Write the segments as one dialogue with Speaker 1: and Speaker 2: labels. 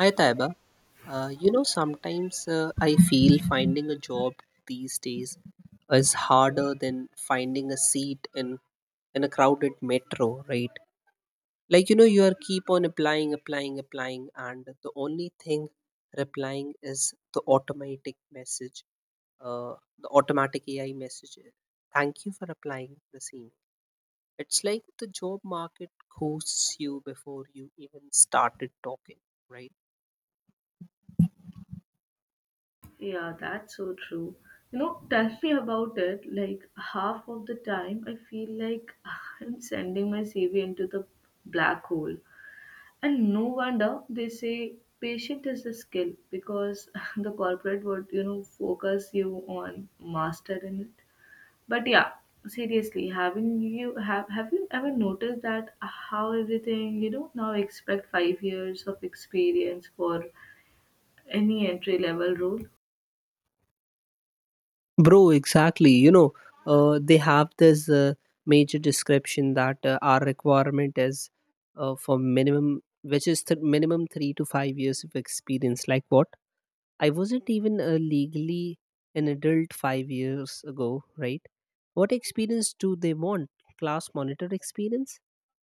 Speaker 1: Hi Taiba. Sometimes I feel finding a job these days is harder than finding a seat in a crowded metro, right? You are keep on applying, applying, applying, and the only thing replying is the automatic message, the automatic AI message. Thank you for applying the same. It's like the job market ghosts you before you even started talking, right?
Speaker 2: Yeah, that's so true. You know, tell me about it. Like half of the time, I feel like I'm sending my CV into the black hole. And no wonder they say patient is a skill because the corporate would, focus you on master in it. But yeah, seriously, having you have you ever noticed that how everything, now expect 5 years of experience for any entry level role?
Speaker 1: Bro, exactly. They have this major description that our requirement is for minimum, which is minimum 3 to 5 years of experience. Like what? I wasn't even legally an adult 5 years ago, right? What experience do they want? Class monitor experience?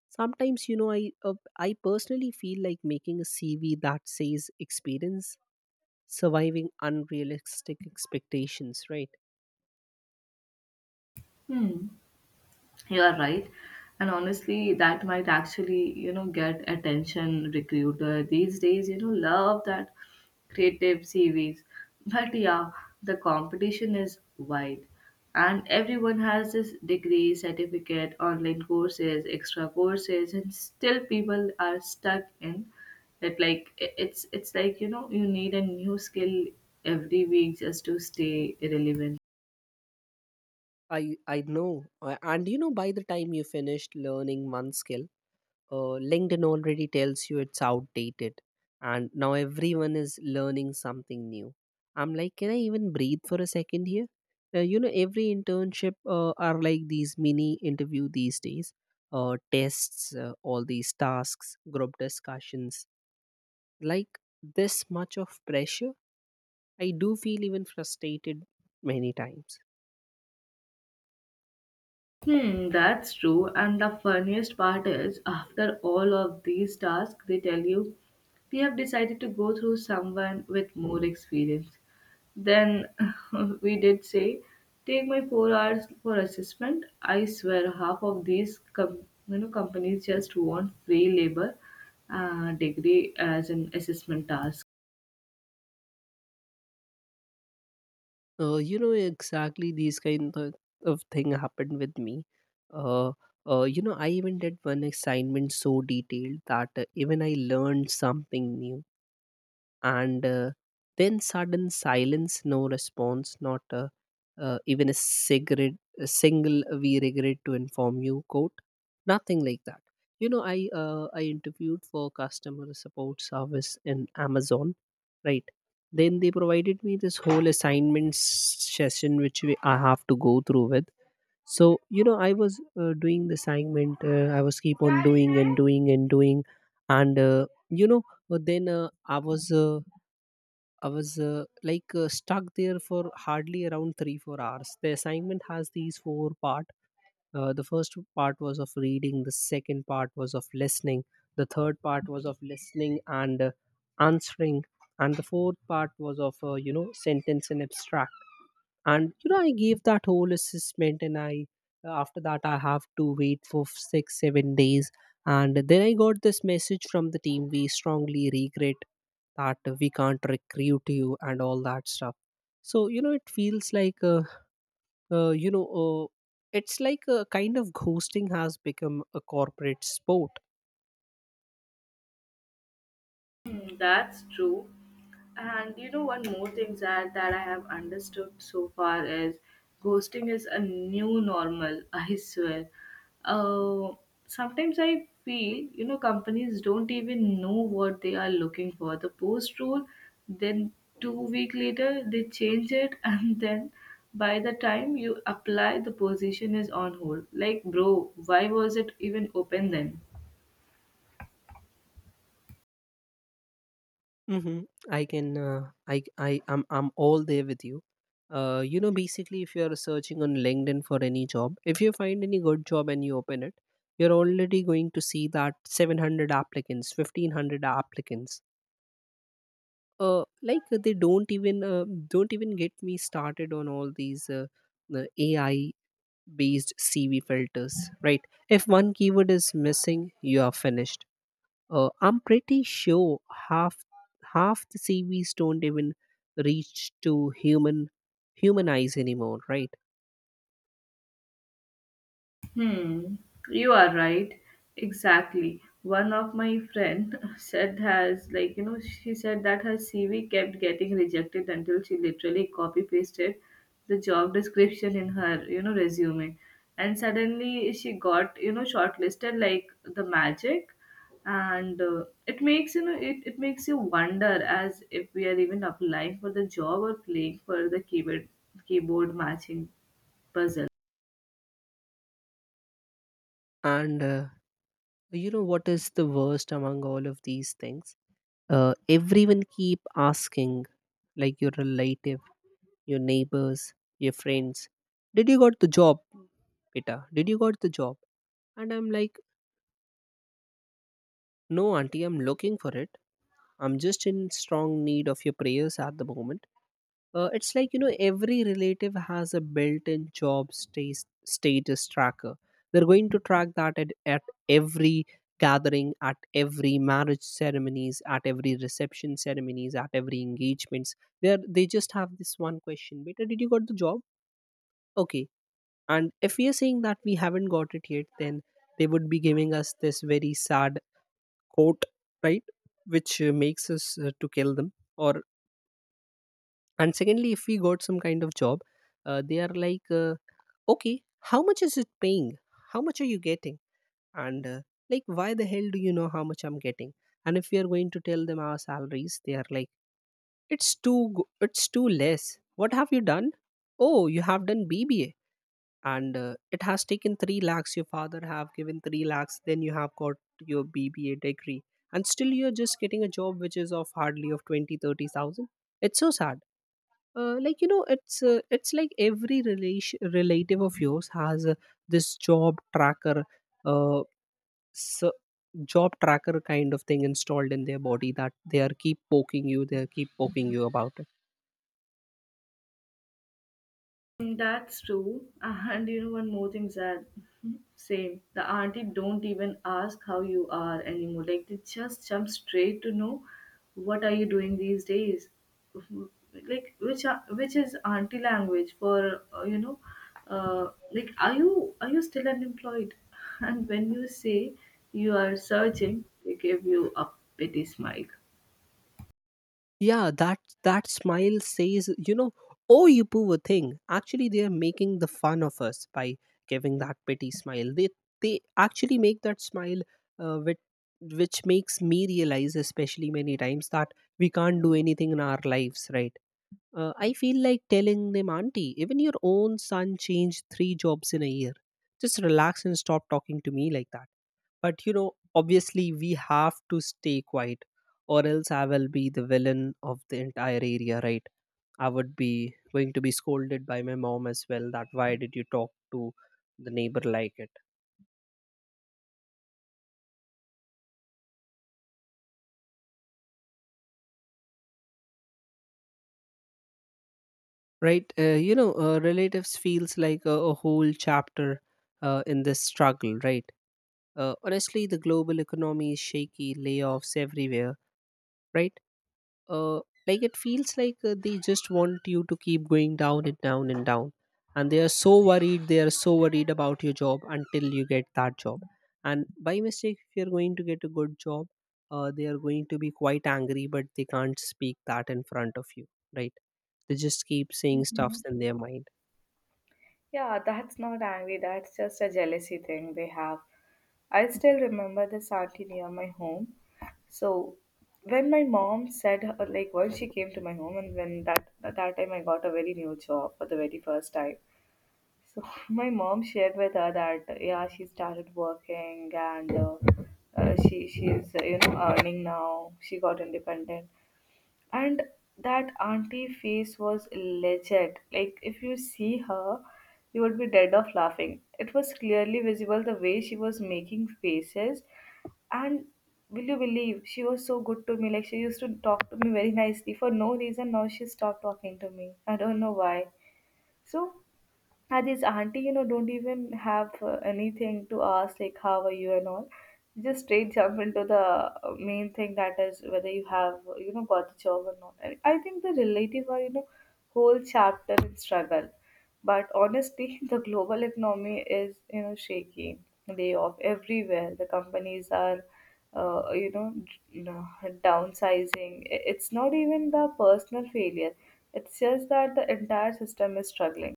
Speaker 1: Sometimes, I personally feel like making a CV that says experience surviving unrealistic expectations, right?
Speaker 2: Hmm. You are right. And honestly, that might actually, get attention recruiter these days, love that creative CVs. But yeah, the competition is wide. And everyone has this degree, certificate, online courses, extra courses, and still people are stuck in it like it's like, you need a new skill every week just to stay relevant.
Speaker 1: I know. By the time you finished learning one skill, LinkedIn already tells you it's outdated, and now everyone is learning something new. I'm like, can I even breathe for a second here? Every internship are like these mini interview these days, tests, all these tasks, group discussions, like this much of pressure. I do feel even frustrated many times.
Speaker 2: Hmm, that's true. And the funniest part is, after all of these tasks, they tell you we have decided to go through someone with more experience. Then we did say, take my 4 hours for assessment. I swear, half of these companies just want free labor, degree as an assessment task.
Speaker 1: Exactly these kind of thing happened with me. Uh, I even did one assignment so detailed that even I learned something new and then sudden silence, no response, not even a cigarette, a single we regret to inform you quote, nothing like that. You know, I interviewed for customer support service in Amazon, right? Then they provided me this whole assignment session which I have to go through with. So you know I was doing the assignment, I was keep on doing and doing and doing, and you know but then I was like stuck there for hardly around 3 4 hours. The assignment has these four part. The first part was of reading. The second part was of listening. The third part was of listening and answering. And the fourth part was of sentence and abstract. And you know, I gave that whole assessment, and I after that I have to wait for 6 7 days, and then I got this message from the team, we strongly regret that we can't recruit you and all that stuff. So you know it feels like you know it's like a kind of ghosting has become a corporate sport.
Speaker 2: Hmm, that's true. And you know, one more thing that I have understood so far is ghosting is a new normal. I swear. Uh, Sometimes I feel companies don't even know what they are looking for. The post rule, then 2 week later they change it, and then by the time you apply, the position is on hold. Like, bro, why was it even open then?
Speaker 1: Mm-hmm. I can. I'm. I'm all there with you. Basically, if you are searching on LinkedIn for any job, if you find any good job and you open it, you're already going to see that 700 applicants, 1500 applicants. They don't even get me started on all these the AI based CV filters, right? If one keyword is missing, you are finished. I'm pretty sure half half the CVs don't even reach to human eyes anymore, right?
Speaker 2: Hmm, you are right. Exactly. One of my friend said has she said that her CV kept getting rejected until she literally copy pasted the job description in her resume, and suddenly she got shortlisted like the magic, and it makes you wonder as if we are even applying for the job or playing for the keyboard matching puzzle.
Speaker 1: And you know what is the worst among all of these things? Everyone keep asking, like your relative, your neighbors, your friends, did you got the job, Pita? Did you got the job? And I'm like, no, auntie, I'm looking for it. I'm just in strong need of your prayers at the moment. It's like you know every relative has a built-in job status tracker. They're going to track that at every gathering, at every marriage ceremonies, at every reception ceremonies, at every engagements. They just have this one question: Beta, did you got the job? Okay. And if we are saying that we haven't got it yet, then they would be giving us this very sad quote, right? Which makes us to kill them, or, and secondly, if we got some kind of job, they are like okay, how much is it paying, how much are you getting? And like, why the hell do you know how much I'm getting? And if we are going to tell them our salaries, they are like, it's too less, what have you done? Oh, you have done BBA, and it has taken 3 lakhs, your father have given 3 lakhs, then you have got your BBA degree, and still you're just getting a job which is of hardly of 20-30 thousand. It's so sad. It's like every relation relative of yours has this job tracker, uh, so job tracker kind of thing installed in their body, that they are keep poking you, they are keep poking you about it.
Speaker 2: Mm, that's true. And one more thing, Zad. Same. The auntie don't even ask how you are anymore. Like they just jump straight to know what are you doing these days. Like which is auntie language for like are you still unemployed? And when you say you are searching, they give you a pity smile.
Speaker 1: Yeah, that smile says, you know, oh you poor thing. Actually they are making the fun of us by giving that pity smile. They actually make that smile which which makes me realize especially many times that we can't do anything in our lives, right? I feel like telling them, auntie, even your own son changed three jobs in a year. Just relax and stop talking to me like that. But you know, obviously, we have to stay quiet, or else I will be the villain of the entire area, right? I would be going to be scolded by my mom as well, that why did you talk to the neighbor like it, right? Relatives feels like a whole chapter in this struggle, right? Honestly, the global economy is shaky, layoffs everywhere, right? Uh, like it feels like they just want you to keep going down and down and down. And they are so worried, they are so worried about your job until you get that job. And by mistake, if you're going to get a good job, they are going to be quite angry, but they can't speak that in front of you, right? They just keep saying
Speaker 2: Mhm.
Speaker 1: stuffs in their mind.
Speaker 2: Yeah, that's not angry. That's just a jealousy thing they have. I still remember the auntie near my home. So when my mom said her, like once she came to my home and when that at that time I got a very new job for the very first time. So my mom shared with her that yeah she started working, and she's earning now. She got independent, and that auntie face was legit. Like if you see her, you would be dead of laughing. It was clearly visible the way she was making faces, and will you believe she was so good to me? Like she used to talk to me very nicely for no reason. Now she stopped talking to me. I don't know why. So and this auntie, don't even have anything to ask, like, how are you and all. Just straight jump into the main thing, that is whether you have, got the job or not. And I think the relative are, whole chapter in struggle. But honestly, the global economy is, shaky. Layoff everywhere. The companies are, uh, you know, d- you know, downsizing. It's not even the personal failure. It's just that the entire system is struggling.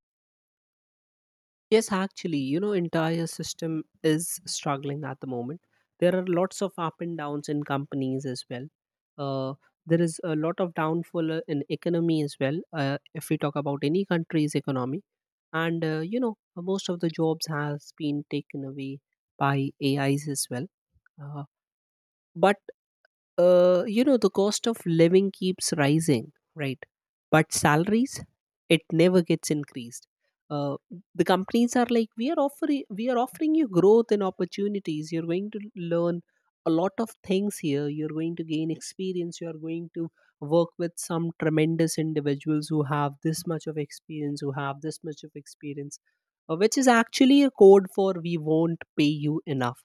Speaker 1: Yes, actually, you know, entire system is struggling at the moment. There are lots of up and downs in companies as well. Uh, there is a lot of downfall in economy as well. If we talk about any country's economy, most of the jobs has been taken away by AIs as well. Uh, but the cost of living keeps rising, right? But salaries, it never gets increased. uh, the companies are like, we are offering you growth and opportunities, you're going to learn a lot of things here, you're going to gain experience, you are going to work with some tremendous individuals who have this much of experience, who have this much of experience. Which is actually a code for, we won't pay you enough.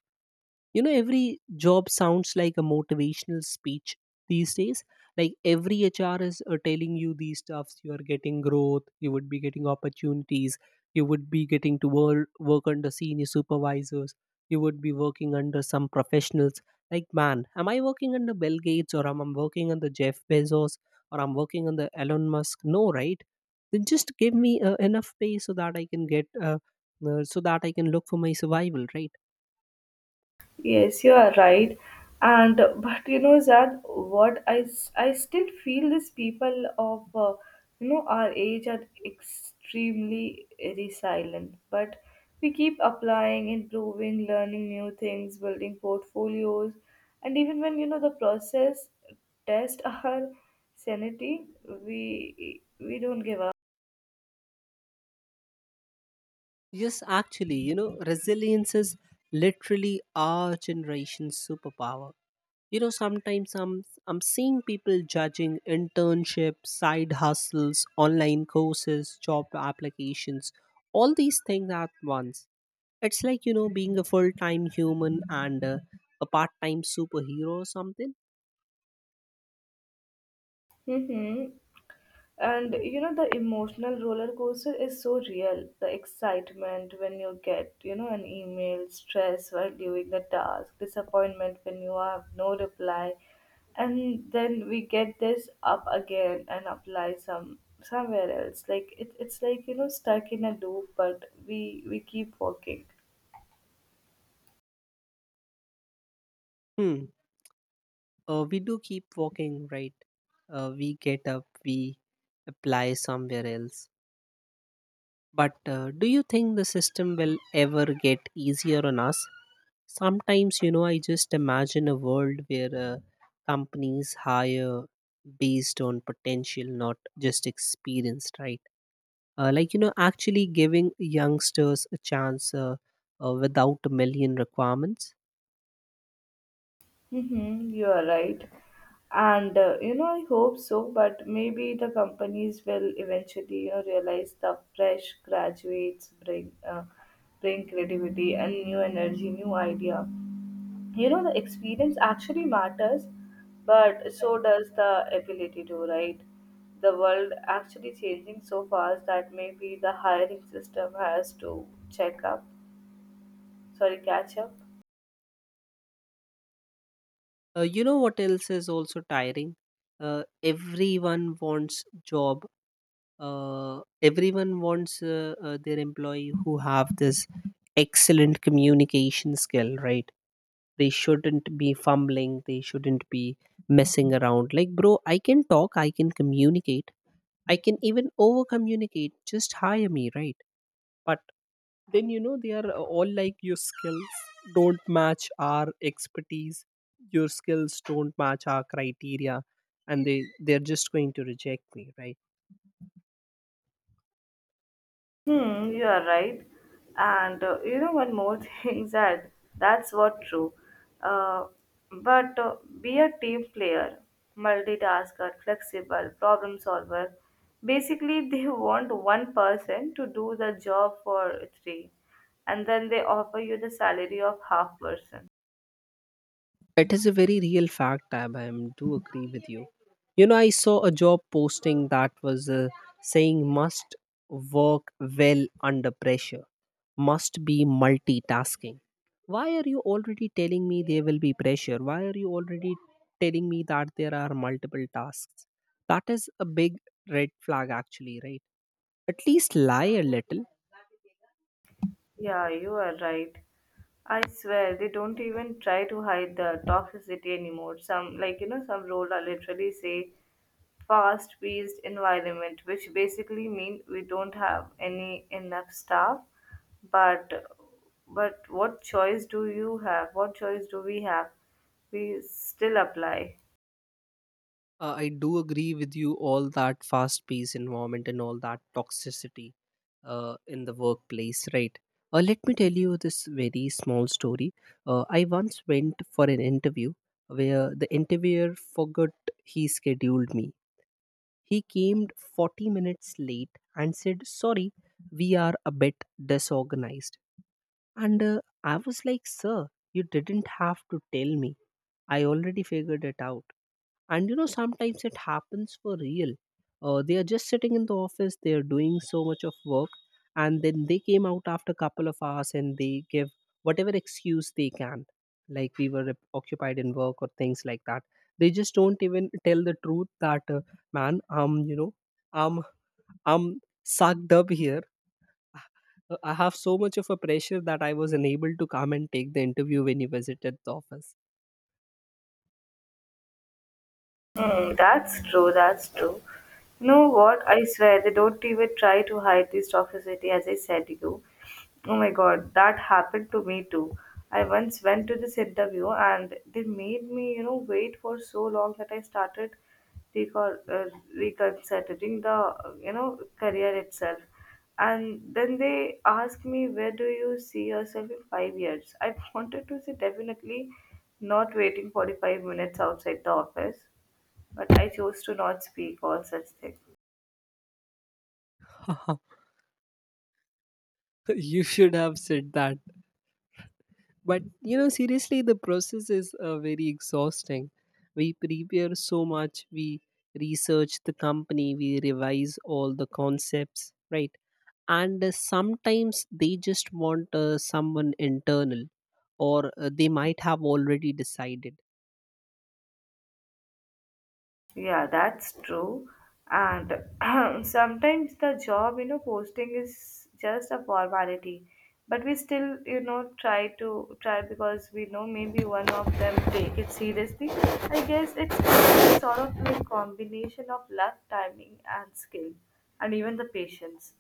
Speaker 1: You know, every job sounds like a motivational speech these days. Like every HR is telling you these stuffs, you are getting growth, you would be getting opportunities, you would be getting to work under senior supervisors, you would be working under some professionals. Like man, am I working under Bill Gates, or am I working under Jeff Bezos, or I'm working under Elon Musk? No, right? Then just give me enough pay so that I can get so that I can look for my survival, right?
Speaker 2: Yes, you are right. And but Zad, I still feel these people of our age are extremely resilient. But we keep applying, improving, learning new things, building portfolios, and even when the process test our sanity, we don't give up.
Speaker 1: Yes, actually, you know, resilience is literally our generation's superpower. You know, sometimes I'm seeing people judging internships, side hustles, online courses, job applications, all these things at once. It's like you know being a full-time human and a part-time superhero or something.
Speaker 2: Mm-hmm. And the emotional roller coaster is so real. The excitement when you get, an email, stress while doing the task, disappointment when you have no reply, and then we get this up again and apply somewhere else. Like it's like stuck in a loop, but we keep working.
Speaker 1: Hmm. We do keep walking, right? We get up, we apply somewhere else. But do you think the system will ever get easier on us? Sometimes, you know, I just imagine a world where companies hire based on potential, not just experience, right? Actually giving youngsters a chance, without a million requirements.
Speaker 2: Mm-hmm, you are right. And I hope so, but maybe the companies will eventually realize the fresh graduates bring bring creativity and new energy, new idea. The experience actually matters, but so does the ability to write. The world actually changing so fast that maybe the hiring system has to check up sorry catch up.
Speaker 1: You know what else is also tiring? Everyone wants job, everyone wants their employee who have this excellent communication skill, right? They shouldn't be fumbling, they shouldn't be messing around. Like bro, I can talk, I can communicate, I can even over communicate, just hire me, right? But then you know they are all like, your skills don't match our expertise, your skills don't match our criteria, and they're just going to reject me, right?
Speaker 2: Hmm, you are right. And one more thing is that that's what true. Uh, but be a team player, multitasker, flexible, problem solver. Basically, they want one person to do the job for three, and then they offer you the salary of half person.
Speaker 1: It is a very real fact, Tab. Do agree with you. You know, I saw a job posting that was saying, must work well under pressure, must be multitasking. Why are you already telling me there will be pressure? Why are you already telling me that there are multiple tasks? That is a big red flag, actually, right? At least lie a little.
Speaker 2: Yeah, you are right. I swear they don't even try to hide the toxicity anymore. Some like you know, some role are literally say fast-paced environment, which basically mean we don't have any enough staff. But but what choice do you have? What choice do we have? We still apply.
Speaker 1: I do agree with you, all that fast paced environment and all that toxicity in the workplace, right? Let me tell you this very small story. I once went for an interview where the interviewer forgot he scheduled me. He came 40 minutes late and said, "Sorry, we are a bit disorganized." And I was like, "Sir, you didn't have to tell me. I already figured it out." And you know, sometimes it happens for real. They are just sitting in the office, they are doing so much of work, and then they came out after a couple of hours and they give whatever excuse they can, like "we were occupied in work" or things like that. They just don't even tell the truth that man, you know, I'm I'm sucked up here. I have so much of a pressure that I was unable to come and take the interview when you visited the office.
Speaker 2: Hmm, that's true, that's true. You know what? I swear they don't even try to hide this toxicity as I said to you. Oh my god, that happened to me too. I once went to this interview, and they made me, wait for so long that I started recon- uh, reconsidering the, career itself. And then they asked me, where do you see yourself in 5 years? I wanted to say definitely not waiting 45 minutes outside the office, but I chose to not speak all such things.
Speaker 1: You should have said that. But you know, seriously, the process is very exhausting. We prepare so much, we research the company, we revise all the concepts, right? And sometimes they just want someone internal, or they might have already decided.
Speaker 2: Yeah, that's true. And sometimes the job, posting is just a formality, but we still, try to try because we know maybe one of them take it seriously. I guess it's sort of a combination of luck, timing, and skill, and even the patience.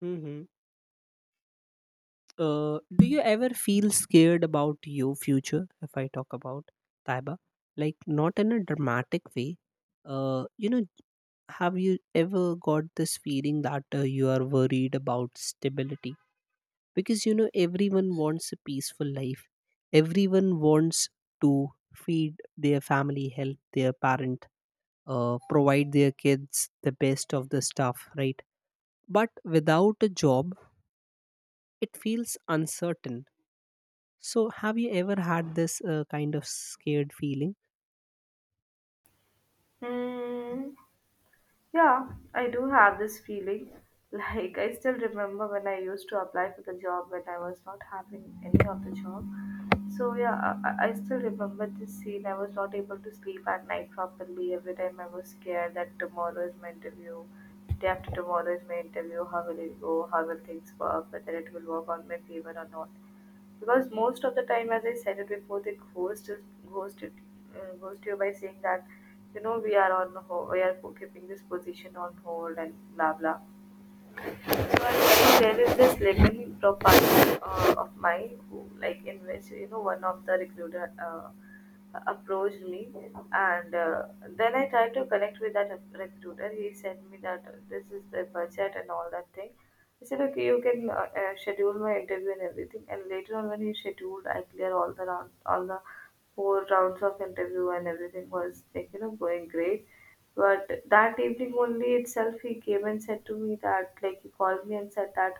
Speaker 1: Hmm. Do you ever feel scared about your future? If I talk about Taiba, like not in a dramatic way, you know, have you ever got this feeling that you are worried about stability? Because you know, everyone wants a peaceful life, everyone wants to feed their family, help their parent, provide their kids the best of the stuff, right? But without a job, it feels uncertain. So have you ever had this kind of scared feeling?
Speaker 2: Hmm. Yeah, I do have this feeling. Like, I still remember when I used to apply for the job when I was not having any of the job. So, yeah, I still remember this scene. I was not able to sleep at night properly. Every time I was scared that tomorrow is my interview. Day after tomorrow is my interview. How will it go? How will things work? Whether it will work on my favor or not, because most of the time, as I said it before, they ghost is ghost it ghost you by saying that we are on hold, we are keeping this position on hold and blah blah. So I think there is this living profile of mine who, like, in which one of the recruiter approached me, and then I tried to connect with that recruiter. He sent me that this is the budget and all that thing. He said, okay, you can schedule my interview and everything. And later on, when he scheduled, I cleared all the round, all the four rounds of interview, and everything was like going great. But that evening only itself, he came and said to me that, like, he called me and said that,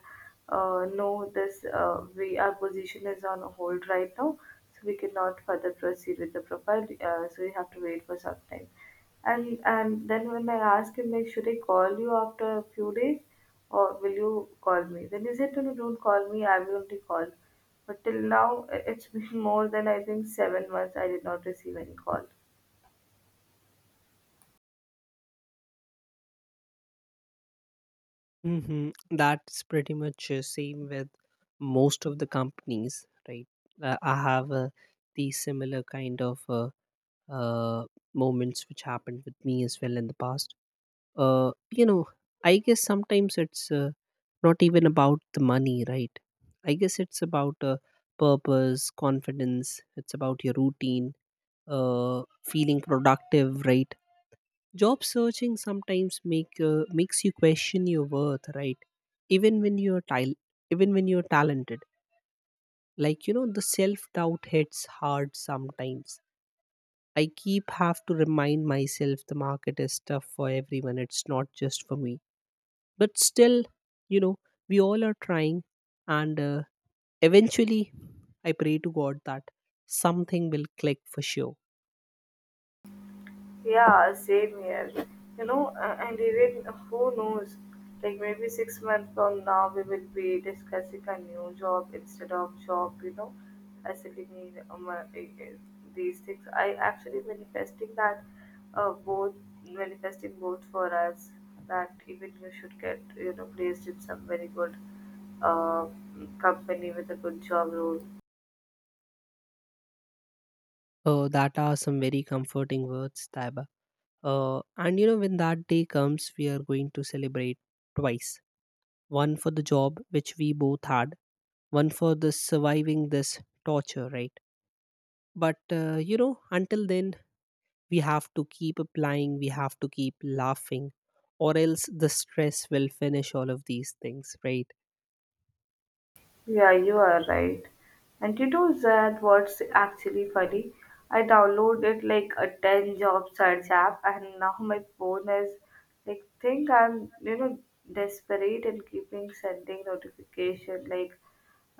Speaker 2: no, our position is on hold right now, so we cannot further proceed with the profile, so we have to wait for some time. And then when I asked him, like, should I call you after a few days or will you call me? Then he said, no, no, don't call me, I will only call. But till now, it's been more than I think 7 months, I did not receive any call.
Speaker 1: Hmm. That's pretty much same with most of the companies, right? I have these similar kind of uh, moments which happened with me as well in the past. You know, I guess sometimes it's not even about the money, right? I guess it's about purpose, confidence. It's about your routine, feeling productive, right? Job searching sometimes makes you question your worth, right? Even when you're tal- Even when you're talented. Like you know, the self doubt hits hard sometimes. I keep have to remind myself, the market is tough for everyone. It's not just for me. But still, you know, we all are trying, and eventually, I pray to God that something will click for sure.
Speaker 2: Yeah, same here. And even who knows, like maybe 6 months from now, we will be discussing a new job instead of job, facility, these things. I actually uh, both, manifesting both for us that even you should get, placed in some very good uh, company with a good job role.
Speaker 1: That are some very comforting words, Taiba. And you know, when that day comes, we are going to celebrate twice: one for the job, which we both had, one for the surviving this torture, right? But you know, until then, we have to keep applying, we have to keep laughing, or else the stress will finish all of these things, right?
Speaker 2: Yeah, you are right. And you know that, what's actually funny? I downloaded like a 10 job search app, and now my phone is like think I'm desperate and keeping sending notification like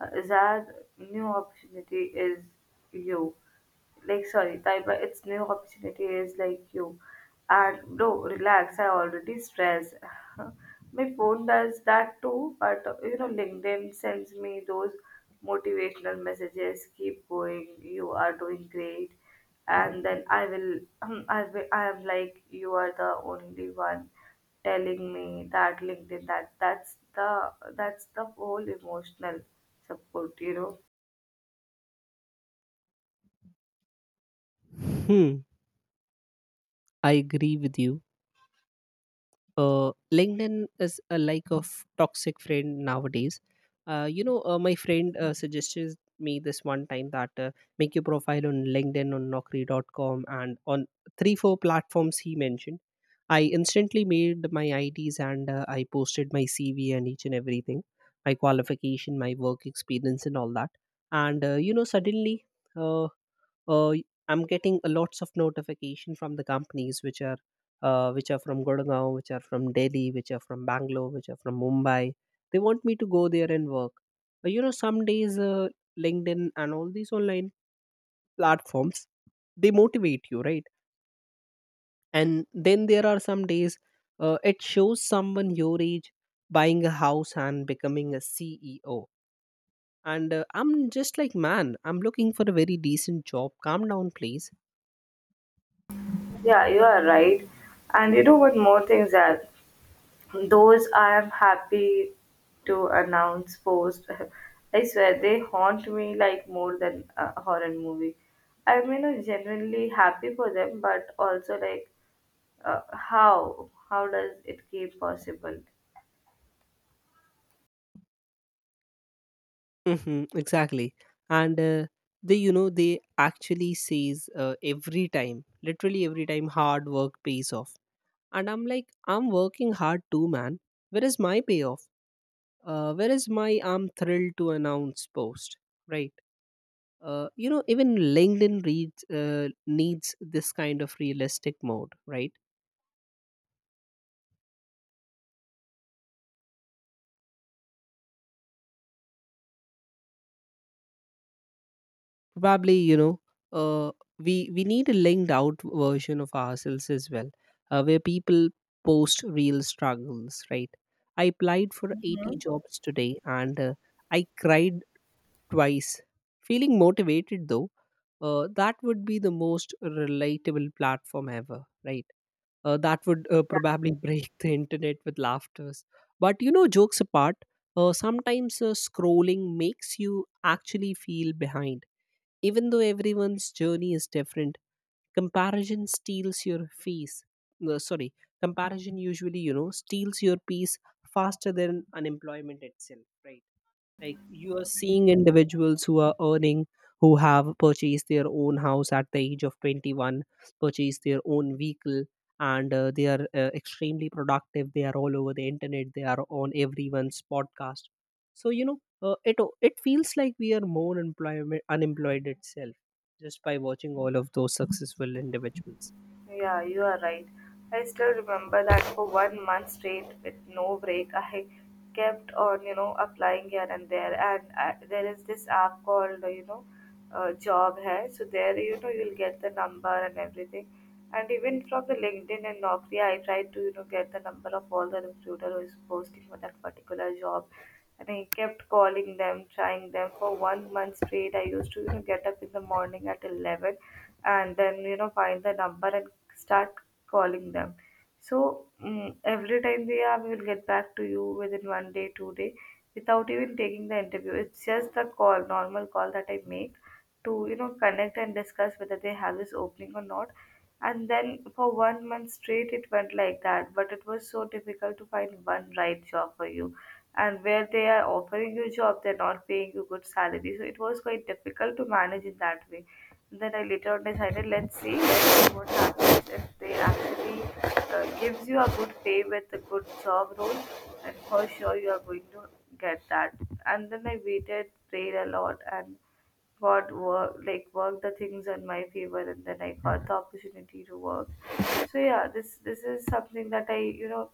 Speaker 2: that new opportunity is you, like sorry, type by its new opportunity is like you, and no relax, I already stress. My phone does that too, but LinkedIn sends me those motivational messages keep going, you are doing great. And then I will I am like, you are the only one telling me that, LinkedIn, that's the whole emotional support.
Speaker 1: Hmm, I agree with you. LinkedIn is a like of toxic friend nowadays. You know, my friend suggested me this one time that make your profile on LinkedIn, on naukri.com and on three four platforms he mentioned. I instantly made my IDs and I posted my CV and each and everything, my qualification, my work experience, and all that. And you know, suddenly. Uh, I'm getting a lots of notification from the companies which are from Gurgaon, which are from Delhi, which are from Bangalore, which are from Mumbai. They want me to go there and work. But you know, some days LinkedIn and all these online platforms, they motivate you, right? And then there are some days it shows someone your age buying a house and becoming a CEO. And I'm just like, man, I'm looking for a very decent job. Calm down, please.
Speaker 2: Yeah, you are right. And you know what more things are? Those I am happy to announce post. I swear they haunt me like more than a horror movie. I mean, I'm genuinely happy for them, but also like, how? How does it keep possible?
Speaker 1: Hmm, exactly. And they, you know, they actually says every time, literally every time, hard work pays off. And I'm like, I'm working hard too, man. Where is my payoff? Where is my "I'm thrilled to announce" post? Right. You know, even LinkedIn reads needs this kind of realistic mode, right? Probably you know, uh, we need a linked out version of ourselves as well, where people post real struggles, right? I applied for 80 jobs today and I cried twice, feeling motivated though. That would be the most relatable platform ever, right? That would probably break the internet with laughters. But you know, jokes apart, sometimes scrolling makes you actually feel behind. Even though everyone's journey is different, comparison steals your peace. No, sorry, comparison usually, you know, steals your peace faster than unemployment itself, right? Like you are seeing individuals who are earning, who have purchased their own house at the age of 21, purchased their own vehicle, and they are extremely productive, they are all over the internet, they are on everyone's podcast. So you know, uh, it it feels like we are more employment unemployed itself, just by watching all of those successful individuals.
Speaker 2: Yeah, you are right. I still remember that for 1 month straight with no break, I kept on, applying here and there. And there is this app called, Job Hai. So there, you'll get the number and everything. And even from the LinkedIn and Naukri, I tried to, get the number of all the recruiter who is posting for that particular job, and I kept calling them, trying them for 1 month straight. I used to, get up in the morning at 11, and then, find the number and start calling them. So every time we will get back to you within 1 day, 2 day, without even taking the interview. It's just the call, normal call that I make to, connect and discuss whether they have this opening or not. And then for 1 month straight, it went like that. But it was so difficult to find one right job for you, and where they are offering you a job, they're not paying you good salary. So it was quite difficult to manage in that way. Then I later on decided, let's see what happens if they actually gives you a good pay with a good job role, and for sure you are going to get that. And then I waited, prayed a lot, and got work like worked the things in my favor, and then I got the opportunity to work. So yeah, this is something that I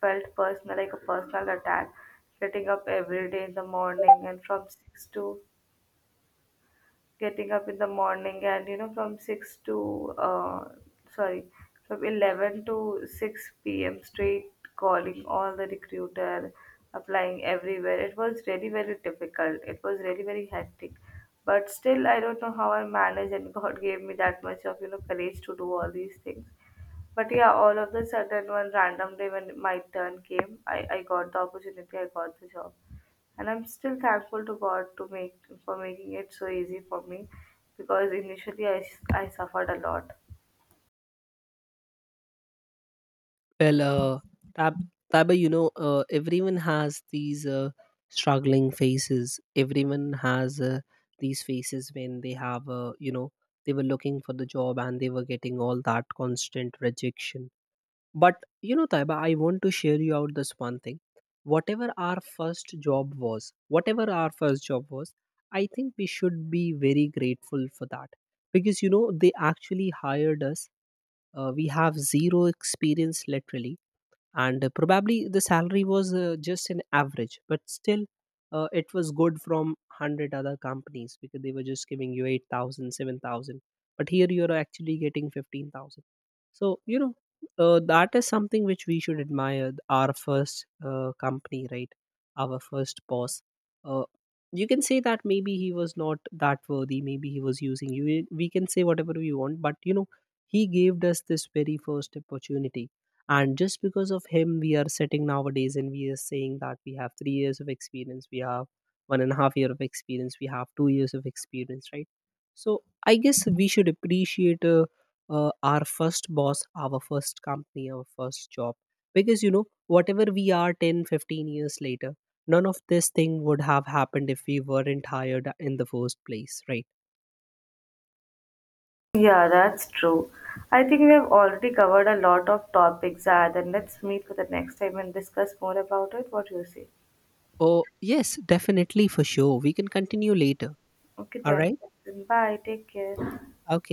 Speaker 2: felt personal, like a personal attack. Getting up every day in the morning and from 6 to getting up in the morning and from 6 to sorry from 11 to 6 p.m. straight calling all the recruiter, applying everywhere. It was really very difficult. It was really very hectic. But still, I don't know how I managed, and God gave me that much of courage to do all these things. But yeah, all of the sudden, one random day when my turn came, I got the opportunity, I got the job. And I'm still thankful to God to make for making it so easy for me, because initially I suffered a lot.
Speaker 1: Well, Tab- Taba, you know, everyone has these struggling faces. Everyone has these faces when they have, you know, they were looking for the job and they were getting all that constant rejection. But, you know, Taiba, I want to share you out this one thing. Whatever our first job was, I think we should be very grateful for that. Because, you know, they actually hired us. We have zero experience literally, and probably the salary was just an average, but still it was good from 100 other companies, because they were just giving you 8,000, 7,000. But here you're actually getting 15,000. So you know, that is something which we should admire, our first company, right? Our first boss, uh, you can say that maybe he was not that worthy, maybe he was using you, we can say whatever we want, but you know, he gave us this very first opportunity. And just because of him, we are sitting nowadays and we are saying that we have 3 years of experience, we have 1.5 year of experience, we have 2 years of experience, right? So I guess we should appreciate our first boss, our first company, our first job, because you know, whatever we are 10, 15 years later, none of this thing would have happened if we weren't hired in the first place, right?
Speaker 2: Yeah, that's true. I think we have already covered a lot of topics, Zad, and let's meet for the next time and discuss more about it. What do you say?
Speaker 1: Oh yes, definitely, for sure we can continue later.
Speaker 2: Okay,
Speaker 1: All
Speaker 2: then.
Speaker 1: right.
Speaker 2: Then bye. Take care.
Speaker 1: Okay.